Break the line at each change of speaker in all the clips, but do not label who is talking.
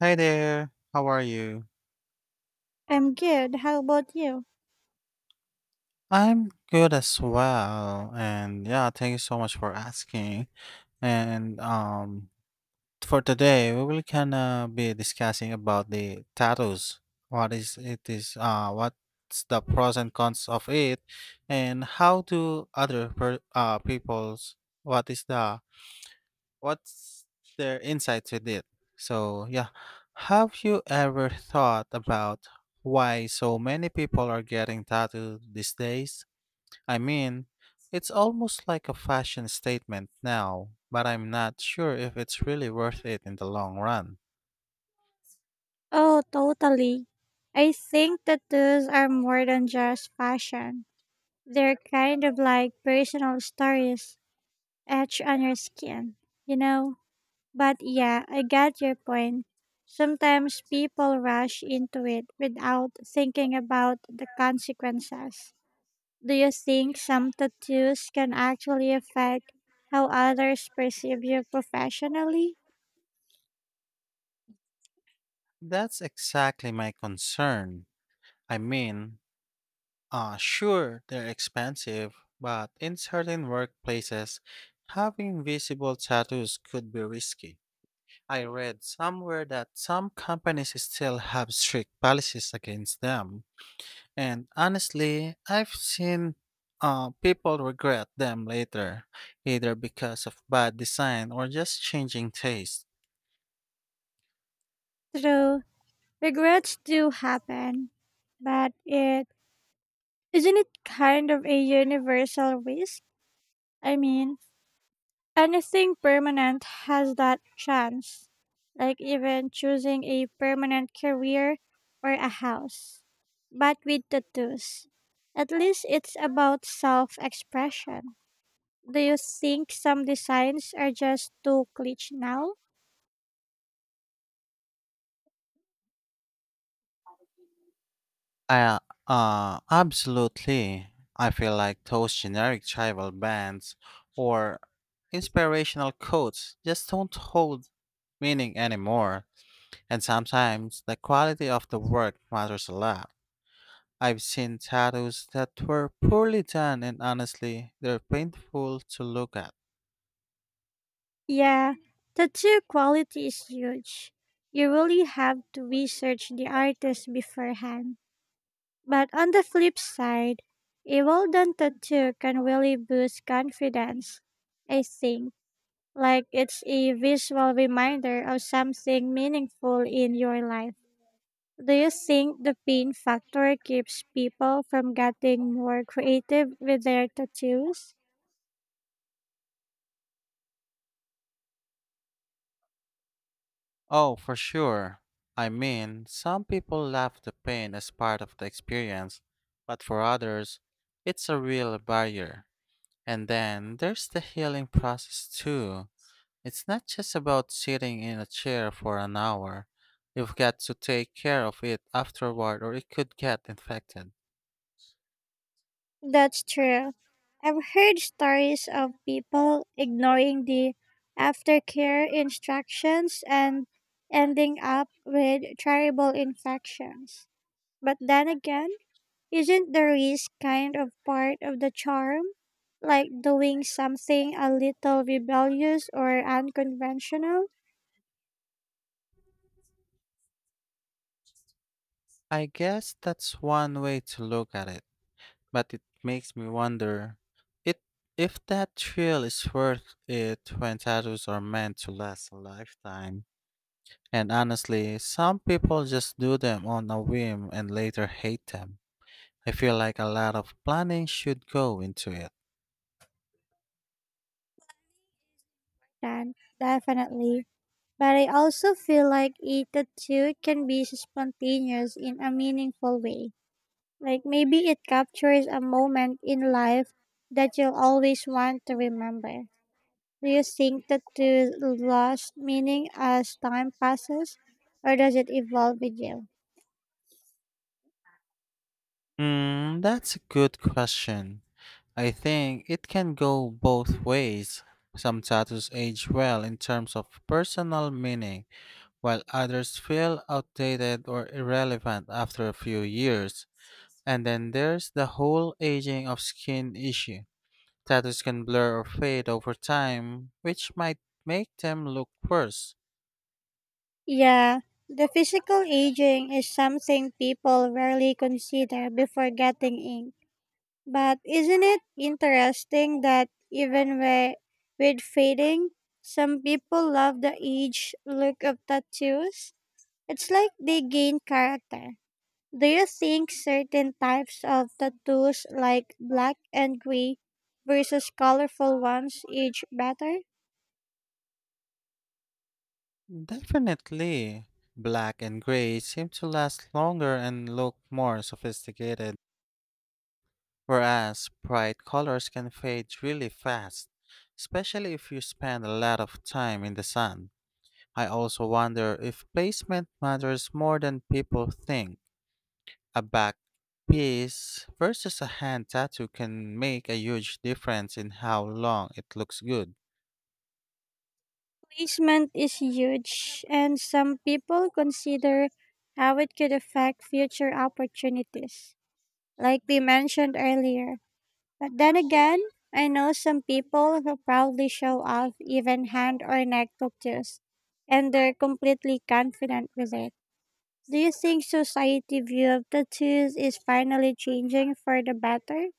Hi there. How are you?
I'm good. How about you?
I'm good as well. And yeah, thank you so much for asking. And for today, we will kind of be discussing about the tattoos. What is it is what's the pros and cons of it and how do other per, people's what is the what's their insights with it. So, yeah, have you ever thought about why so many people are getting tattooed these days? I mean, it's almost like a fashion statement now, but I'm not sure if it's really worth it in the long run.
Oh, totally. I think tattoos are more than just fashion. They're kind of like personal stories etched on your skin, you know? But yeah, I got your point. Sometimes people rush into it without thinking about the consequences. Do you think some tattoos can actually affect how others perceive you professionally?
That's exactly my concern. I mean, sure, they're expensive, but in certain workplaces, having visible tattoos could be risky. I read somewhere that some companies still have strict policies against them. And honestly, I've seen people regret them later, either because of bad design or just changing taste.
True. Regrets do happen, but it isn't it kind of a universal risk? I mean, anything permanent has that chance, like even choosing a permanent career or a house. But with tattoos, at least it's about self expression. Do you think some designs are just too cliche now?
I, Absolutely. I feel like those generic tribal bands or inspirational quotes just don't hold meaning anymore. And sometimes the quality of the work matters a lot. I've seen tattoos that were poorly done, and honestly, they're painful to look at.
Yeah, the two quality is huge. You really have to research the artist beforehand. But on the flip side, a well done tattoo can really boost confidence. I think, like it's a visual reminder of something meaningful in your life. Do you think the pain factor keeps people from getting more creative with their tattoos?
Oh, for sure. I mean, some people love the pain as part of the experience, but for others, it's a real barrier. And then there's the healing process too. It's not just about sitting in a chair for an hour. You've got to take care of it afterward, or it could get infected.
That's true. I've heard stories of people ignoring the aftercare instructions and ending up with terrible infections. But then again, isn't the risk kind of part of the charm? Like doing something a little rebellious or unconventional?
I guess that's one way to look at it, but it makes me wonder it if that thrill is worth it when tattoos are meant to last a lifetime. And honestly, some people just do them on a whim and later hate them. I feel like a lot of planning should go into it.
Then, definitely. But I also feel like it too can be spontaneous in a meaningful way. Like maybe it captures a moment in life that you'll always want to remember. Do you think that the lost meaning as time passes, or does it evolve with you?
Hmm, that's a good question. I think it can go both ways. Some tattoos age well in terms of personal meaning, while others feel outdated or irrelevant after a few years. And then there's the whole aging of skin issue. Tattoos can blur or fade over time, which might make them look worse.
Yeah, the physical aging is something people rarely consider before getting ink. But isn't it interesting that even where, with fading, some people love the age look of tattoos? It's like they gain character. Do you think certain types of tattoos, like black and gray versus colorful ones, age better?
Definitely. Black and gray seem to last longer and look more sophisticated, whereas bright colors can fade really fast, especially if you spend a lot of time in the sun. I also wonder if placement matters more than people think. A back piece versus a hand tattoo can make a huge difference in how long it looks good.
Placement is huge, and some people consider how it could affect future opportunities, like we mentioned earlier. But then again, I know some people who proudly show off even hand or neck tattoos, and they're completely confident with it. Do you think society view of tattoos is finally changing for the better?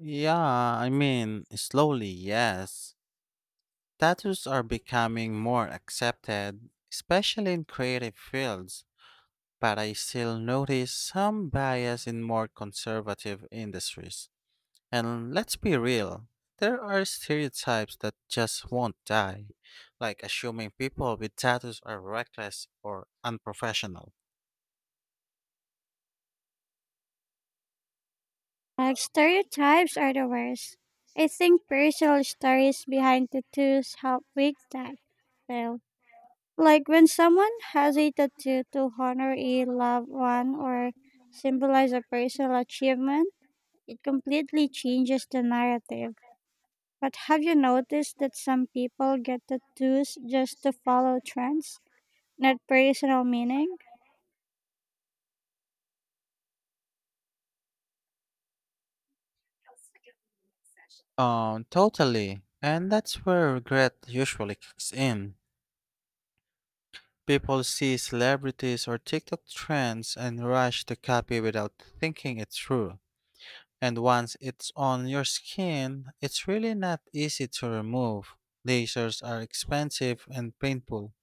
Yeah, I mean, slowly, yes. Tattoos are becoming more accepted, especially in creative fields, but I still notice some bias in more conservative industries. And let's be real, there are stereotypes that just won't die, like assuming people with tattoos are reckless or unprofessional.
Like stereotypes are the worst. I think personal stories behind tattoos help break that. Well, like when someone has a tattoo to honor a loved one or symbolize a personal achievement, it completely changes the narrative. But have you noticed that some people get tattoos just to follow trends, not personal meaning?
Totally. And that's where regret usually kicks in. People see celebrities or TikTok trends and rush to copy without thinking it through. And once it's on your skin, it's really not easy to remove. Lasers are expensive and painful.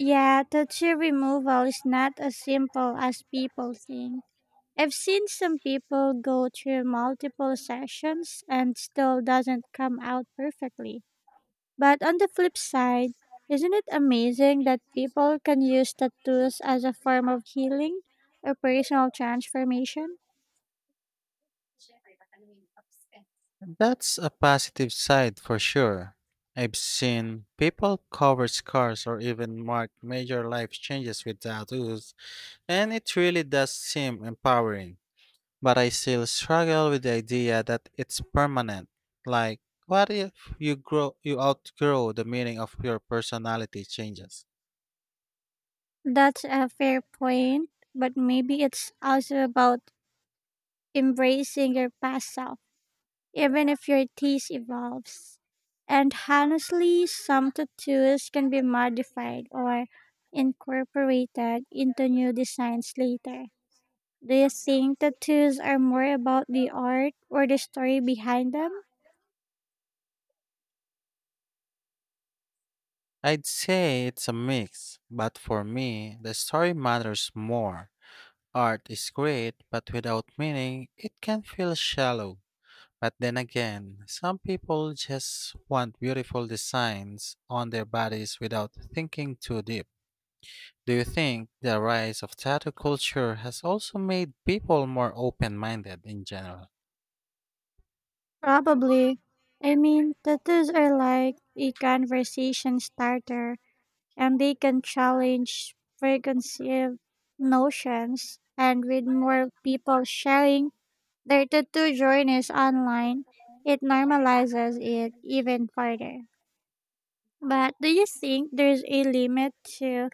Yeah, tattoo removal is not as simple as people think. I've seen some people go through multiple sessions and still doesn't come out perfectly. But on the flip side, isn't it amazing that people can use tattoos as a form of healing or personal transformation?
That's a positive side for sure. I've seen people cover scars or even mark major life changes with tattoos, and it really does seem empowering. But I still struggle with the idea that it's permanent. Like, what if you outgrow the meaning of your personality changes?
That's a fair point, but maybe it's also about embracing your past self, even if your taste evolves. And honestly, some tattoos can be modified or incorporated into new designs later. Do you think tattoos are more about the art or the story behind them?
I'd say it's a mix, but for me, the story matters more. Art is great, but without meaning, it can feel shallow. But then again, some people just want beautiful designs on their bodies without thinking too deep. Do you think the rise of tattoo culture has also made people more open minded in general?
Probably. I mean, tattoos are like a conversation starter and they can challenge preconceived notions. And with more people sharing their tattoo journey is online, it normalizes it even further. But do you think there's a limit to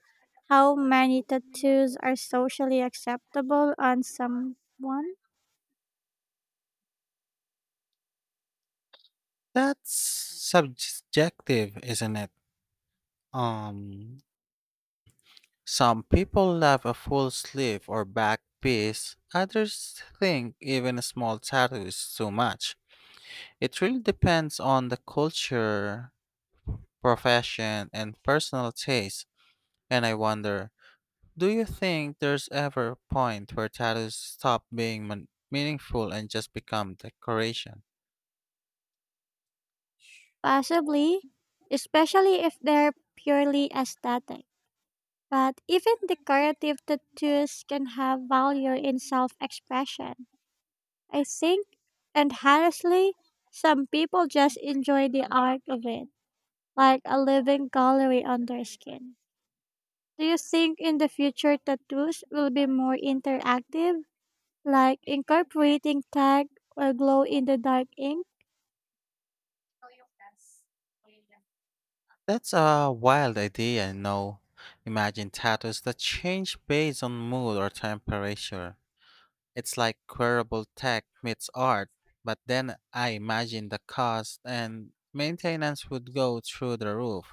how many tattoos are socially acceptable on someone?
That's subjective, isn't it? Um, some people love a full sleeve or back piece, others think even a small tattoo is too much. It really depends on the culture, profession, and personal taste. And I wonder, do you think there's ever a point where tattoos stop meaningful and just become decoration?
Possibly, especially if they're purely aesthetic. But even decorative tattoos can have value in self expression. I think, and honestly, some people just enjoy the art of it like a living gallery on their skin. Do you think in the future tattoos will be more interactive, like incorporating tag or glow in the dark ink,
That's a wild idea, no? Imagine tattoos that change based on mood or temperature. It's like wearable tech meets art, but then I imagine the cost and maintenance would go through the roof.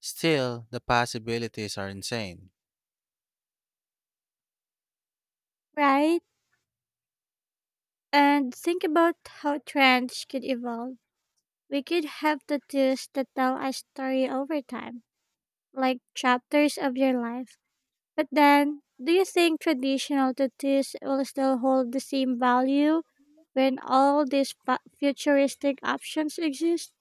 Still, the possibilities are insane.
right? And think about how trends could evolve. We could have tattoos that tell a story over time, like chapters of your life. But then, do you think traditional tattoos will still hold the same value when all these futuristic options exist?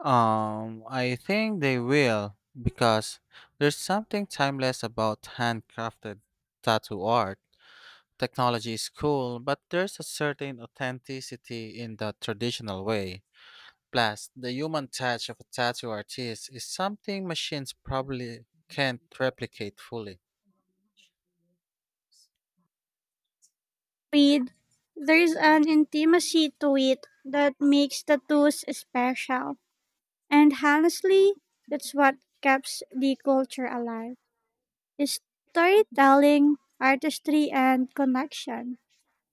I think they will because there's something timeless about handcrafted tattoo art. Technology is cool, but there's a certain authenticity in the traditional way. Plus, the human touch of a tattoo artist is something machines probably can't replicate fully.
Read, there's an intimacy to it that makes the tools special. And honestly, that's what keeps the culture alive. Is storytelling, artistry, and connection.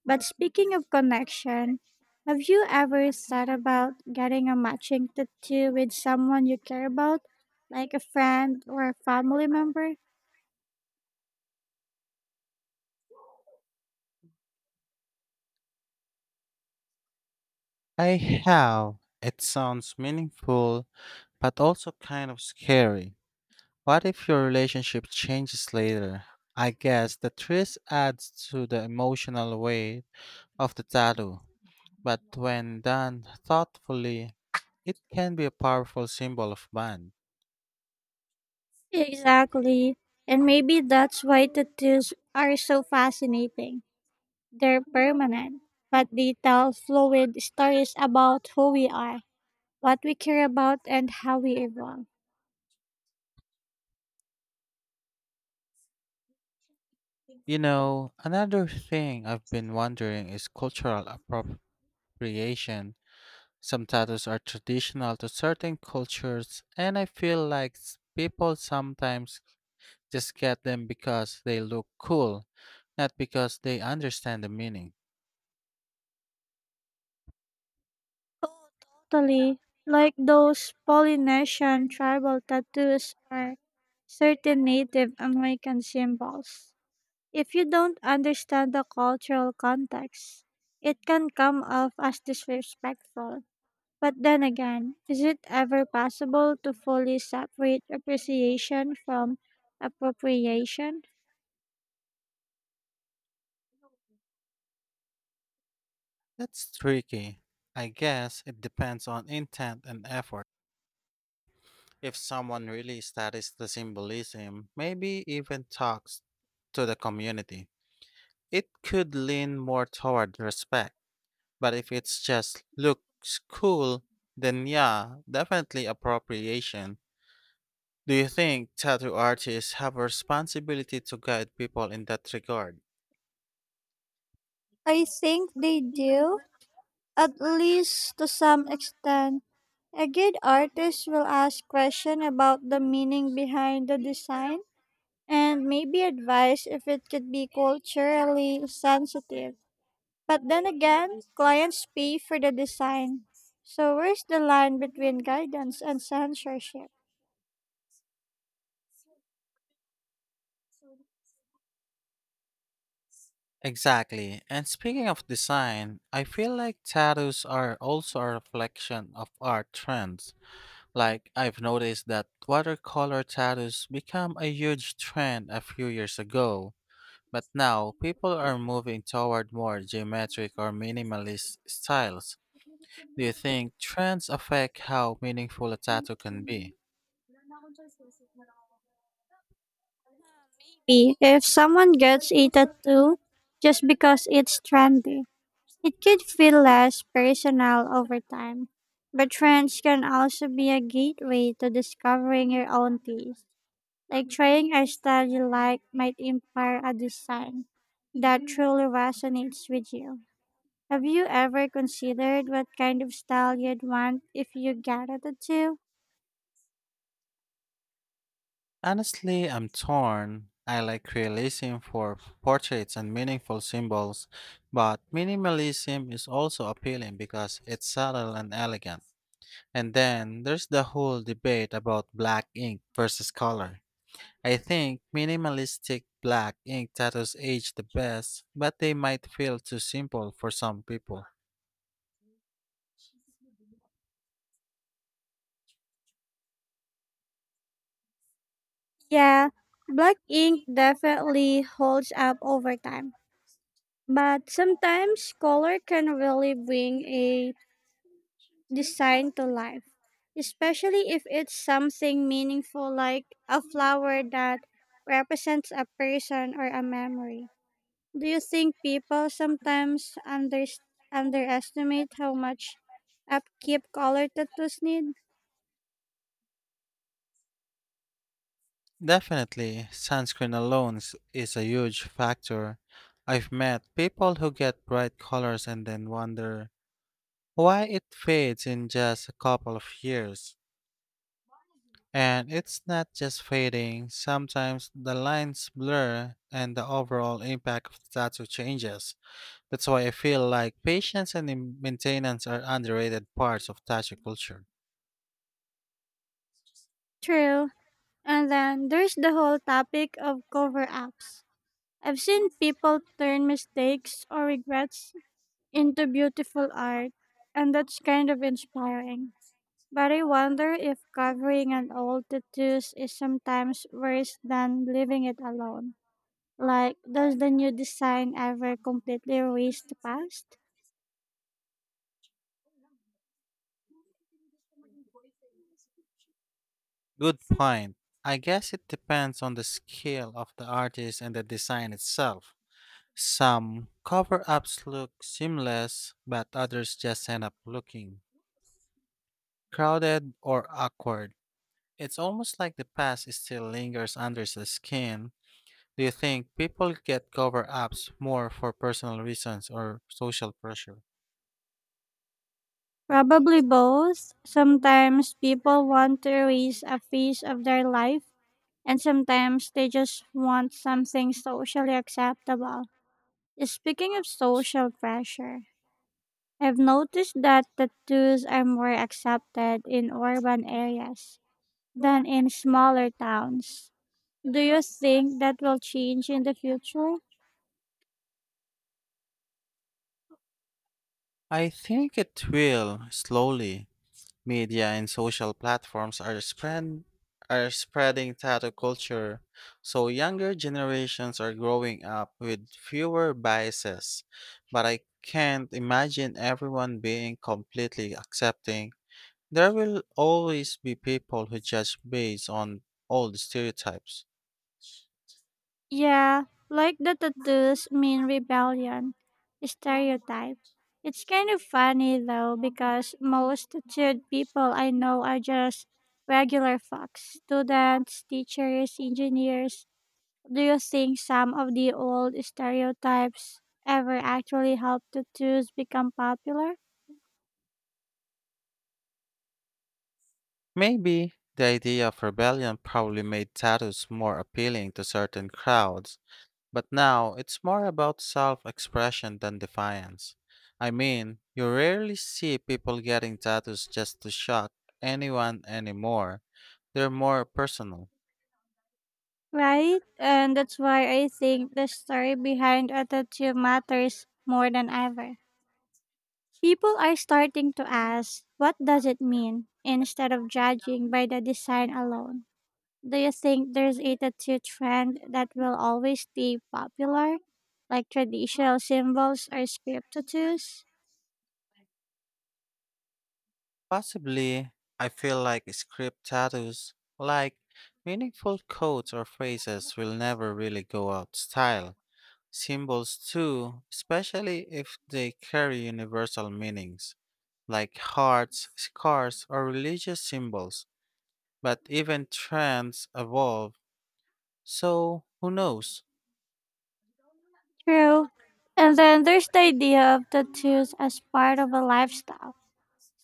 But speaking of connection, have you ever thought about getting a matching tattoo with someone you care about, like a friend or a family member?
I have. It sounds meaningful, but also kind of scary. What if your relationship changes later? I guess the twist adds to the emotional weight of the tattoo, but when done thoughtfully, it can be a powerful symbol of bond.
Exactly. And maybe that's why tattoos are so fascinating. They're permanent, but they tell fluid stories about who we are, what we care about, and how we evolve.
You know, another thing I've been wondering is cultural appropriation. Some tattoos are traditional to certain cultures, and I feel like people sometimes just get them because they look cool, not because they understand the meaning.
Oh, totally. Like those Polynesian tribal tattoos or certain Native American symbols. If you don't understand the cultural context, it can come off as disrespectful. But then again, is it ever possible to fully separate appreciation from appropriation?
That's tricky. I guess it depends on intent and effort. If someone really studies the symbolism, maybe even talks to the community, it could lean more toward respect. But if it's just looks cool, then yeah, definitely appropriation. Do you think tattoo artists have a responsibility to guide people in that regard?
I think they do, at least to some extent. A good artist will ask questions about the meaning behind the design and maybe advise if it could be culturally sensitive. But then again, clients pay for the design. So where's the line between guidance and censorship?
Exactly. And speaking of design, I feel like tattoos are also a reflection of art trends. Like, I've noticed that watercolor tattoos became a huge trend a few years ago, but now people are moving toward more geometric or minimalist styles. Do you think trends affect how meaningful a tattoo can be?
If someone gets a tattoo just because it's trendy, it could feel less personal over time, but friends can also be a gateway to discovering your own taste. Like trying a style you like might inspire a design that truly resonates with you. Have you ever considered what kind of style you'd want if you gathered the two?
Honestly, I'm torn. I like realism for portraits and meaningful symbols, but minimalism is also appealing because it's subtle and elegant. And then there's the whole debate about black ink versus color. I think minimalistic black ink tattoos age the best, but they might feel too simple for some people.
Yeah, black ink definitely holds up over time, but sometimes color can really bring a designed to life, especially if it's something meaningful like a flower that represents a person or a memory. Do you think people sometimes underestimate how much upkeep color tattoos need?
Definitely, sunscreen alone is a huge factor. I've met people who get bright colors and then wonder why it fades in just a couple of years. And it's not just fading, sometimes the lines blur and the overall impact of the tattoo changes. That's why I feel like patience and maintenance are underrated parts of tattoo culture.
True. And then there's the whole topic of cover ups. I've seen people turn mistakes or regrets into beautiful art, and that's kind of inspiring. But I wonder if covering an old tattoos is sometimes worse than leaving it alone. Like, does the new design ever completely erase the past?
Good point. I guess it depends on the skill of the artist and the design itself. Some cover ups look seamless, but others just end up looking crowded or awkward. It's almost like the past still lingers under the skin. Do you think people get cover ups more for personal reasons or social pressure?
Probably both. Sometimes people want to erase a phase of their life, and sometimes they just want something socially acceptable. Speaking of social pressure, I've noticed that tattoos are more accepted in urban areas than in smaller towns. Do you think that will change in the future?
I think it will slowly. Media and social platforms are spreading tattoo culture, so younger generations are growing up with fewer biases. But I can't imagine everyone being completely accepting. There will always be people who judge based on old stereotypes.
Yeah, like the tattoos mean rebellion stereotype. It's kind of funny though because most tattooed people I know are just regular folks, students, teachers, engineers. Do you think some of the old stereotypes ever actually helped the tunes become popular?
Maybe the idea of rebellion probably made tattoos more appealing to certain crowds, but now it's more about self expression than defiance. I mean, you rarely see people getting tattoos just to shock anyone anymore, they're more personal.
Right? And that's why I think the story behind a tattoo matters more than ever. People are starting to ask, what does it mean? Instead of judging by the design alone. Do you think there's a tattoo trend that will always be popular, like traditional symbols or script tattoos?
Possibly, I feel like script tattoos, like meaningful quotes or phrases, will never really go out style. Symbols, too, especially if they carry universal meanings, like hearts, scars, or religious symbols. But even trends evolve, so who knows?
True. And then there's the idea of tattoos as part of a lifestyle.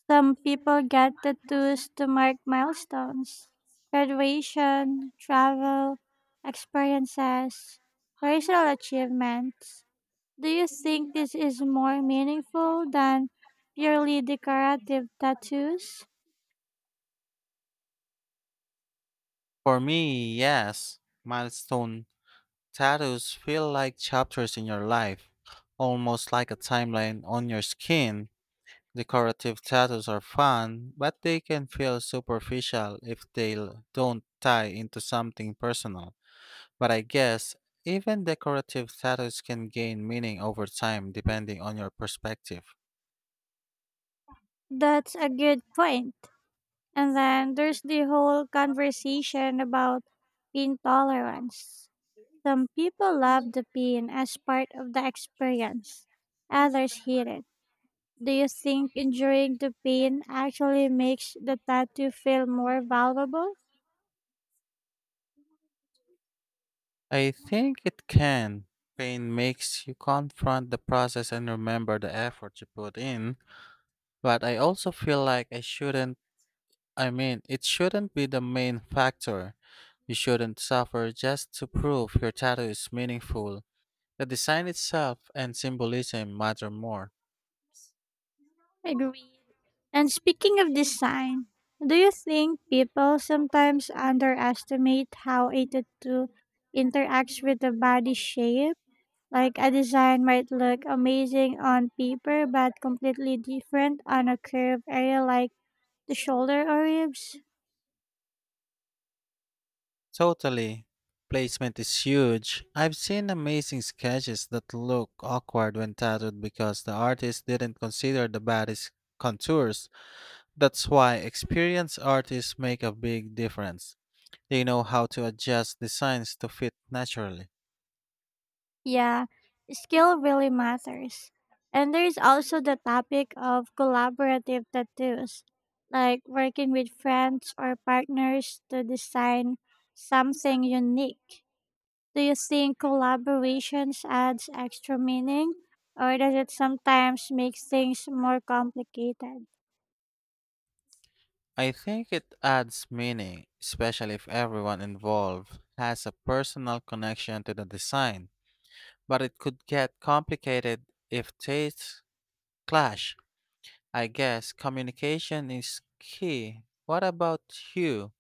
Some people get tattoos to mark milestones, graduation, travel, experiences, personal achievements. Do you think this is more meaningful than purely decorative tattoos?
For me, yes, milestone tattoos feel like chapters in your life, almost like a timeline on your skin. Decorative tattoos are fun, but they can feel superficial if they don't tie into something personal. But I guess even decorative tattoos can gain meaning over time depending on your perspective.
That's a good point. And then there's the whole conversation about pain tolerance. Some people love the pain as part of the experience, others hate it. Do you think enduring the pain actually makes the tattoo feel more valuable?
I think it can. Pain makes you confront the process and remember the effort you put in, but I also feel like I mean, it shouldn't be the main factor. You shouldn't suffer just to prove your tattoo is meaningful. The design itself and symbolism matter more.
Agreed. And speaking of design, do you think people sometimes underestimate how a tattoo interacts with the body shape? Like a design might look amazing on paper but completely different on a curved area like the shoulder or ribs.
Totally. Placement is huge. I've seen amazing sketches that look awkward when tattooed because the artist didn't consider the body's contours. That's why experienced artists make a big difference. They know how to adjust designs to fit naturally.
Yeah, skill really matters. And there's also the topic of collaborative tattoos, like working with friends or partners to design something unique. Do you think collaborations adds extra meaning or does it sometimes make things more complicated?
I think it adds meaning, especially if everyone involved has a personal connection to the design. But it could get complicated if tastes clash. I guess communication is key. What about you?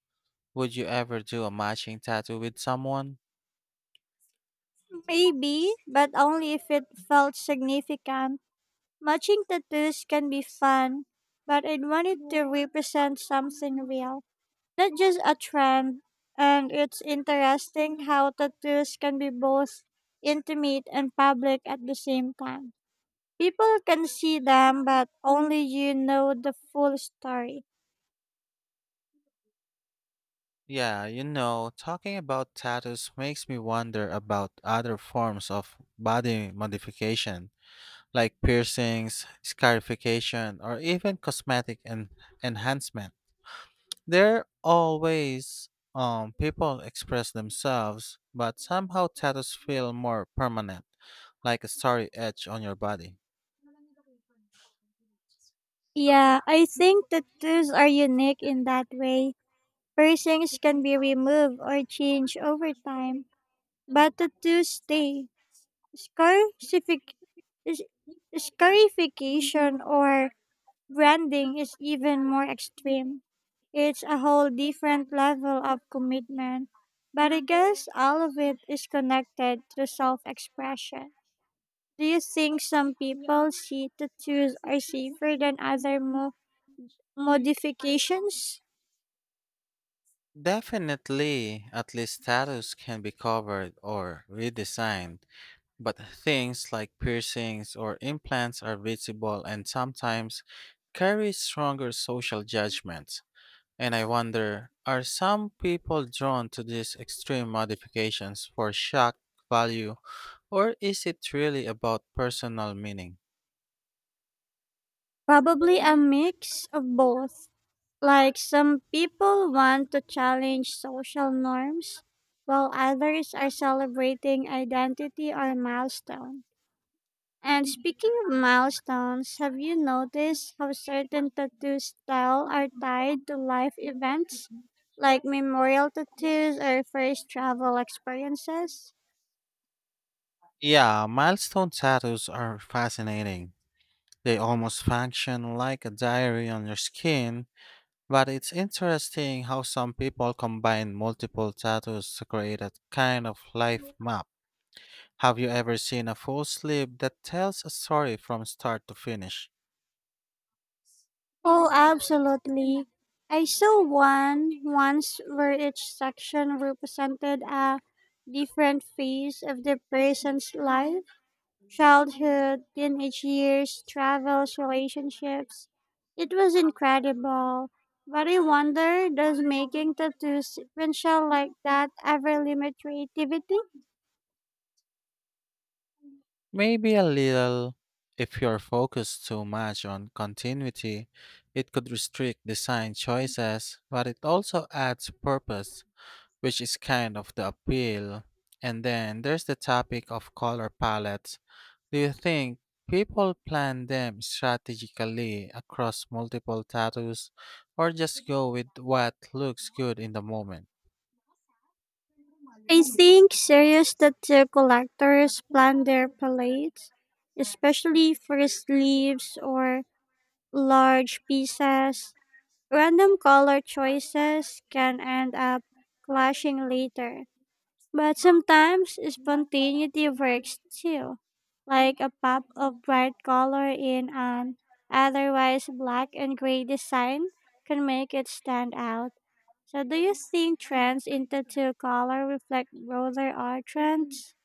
Would you ever do a matching tattoo with someone?
Maybe, but only if it felt significant. Matching tattoos can be fun, but I wanted to represent something real, not just a trend. And it's interesting how tattoos can be both intimate and public at the same time. People can see them, but only you know the full story.
Yeah, you know, talking about tattoos makes me wonder about other forms of body modification, like piercings, scarification, or even enhancement. There are ways people express themselves, but somehow tattoos feel more permanent, like a starry edge on your body.
Yeah, I think tattoos are unique in that way. Piercings can be removed or changed over time. But the Tuesday scarcific- s- scarification or branding is even more extreme. It's a whole different level of commitment. But I guess all of it is connected to self expression. Do you think some people see tattoos are safer than other modifications?
Definitely, at least tattoos can be covered or redesigned, but things like piercings or implants are visible and sometimes carry stronger social judgments. And I wonder, are some people drawn to these extreme modifications for shock value, or is it really about personal meaning?
Probably a mix of both. Like some people want to challenge social norms, while others are celebrating identity or milestone. And speaking of milestones, have you noticed how certain tattoo style are tied to life events, like memorial tattoos or first travel experiences?
Yeah, milestone tattoos are fascinating. They almost function like a diary on your skin, but it's interesting how some people combine multiple tattoos to create a kind of life map. Have you ever seen a full sleeve that tells a story from start to finish?
Oh, absolutely. I saw one once where each section represented a different phase of the person's life, childhood, teenage years, travels, relationships. It was incredible. But I wonder does making tattoos sequential like that ever limit creativity?
Maybe a little. If you're focused too much on continuity, it could restrict design choices, but it also adds purpose, which is kind of the appeal. And then there's the topic of color palettes. Do you think people plan them strategically across multiple tattoos or just go with what looks good in the moment?
I think serious tattoo collectors plan their palettes, especially for sleeves or large pieces, random color choices can end up clashing later. But sometimes spontaneity works too, like a pop of bright color in an otherwise black and gray design can make it stand out. So, do you think trends into two color reflect broader art trends?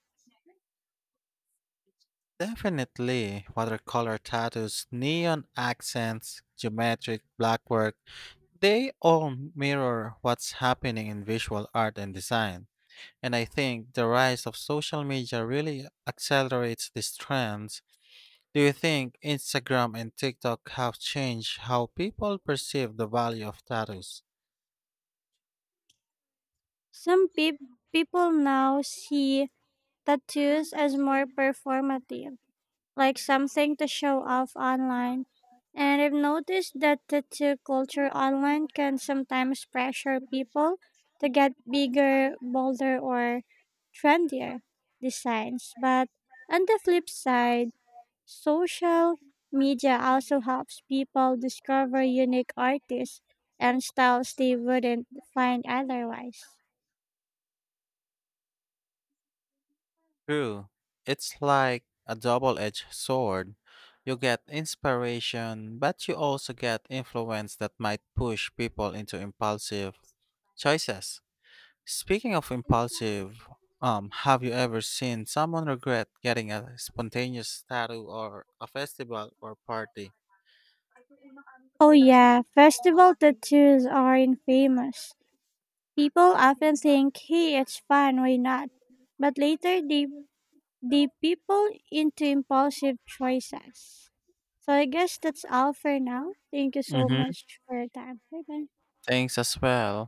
Definitely watercolor tattoos, neon accents, geometric blackwork, they all mirror what's happening in visual art and design, and I think the rise of social media really accelerates these trends. Do you think Instagram and TikTok have changed how people perceive the value of tattoos?
Some people now see tattoos as more performative like something to show off online. And I've noticed that the tattoo culture online can sometimes pressure people to get bigger, bolder, or trendier designs. But on the flip side, social media also helps people discover unique artists and styles they wouldn't find otherwise.
True. It's like a double edged sword. You get inspiration, but you also get influence that might push people into impulsive choices. Speaking of impulsive, have you ever seen someone regret getting a spontaneous tattoo or a festival or party?
Oh yeah, festival tattoos are infamous. People often think, hey, it's fun, why not? But later they people into impulsive choices. So I guess that's all for now. Thank you so
Mm-hmm.
much for your time. Bye bye.
Thanks as well.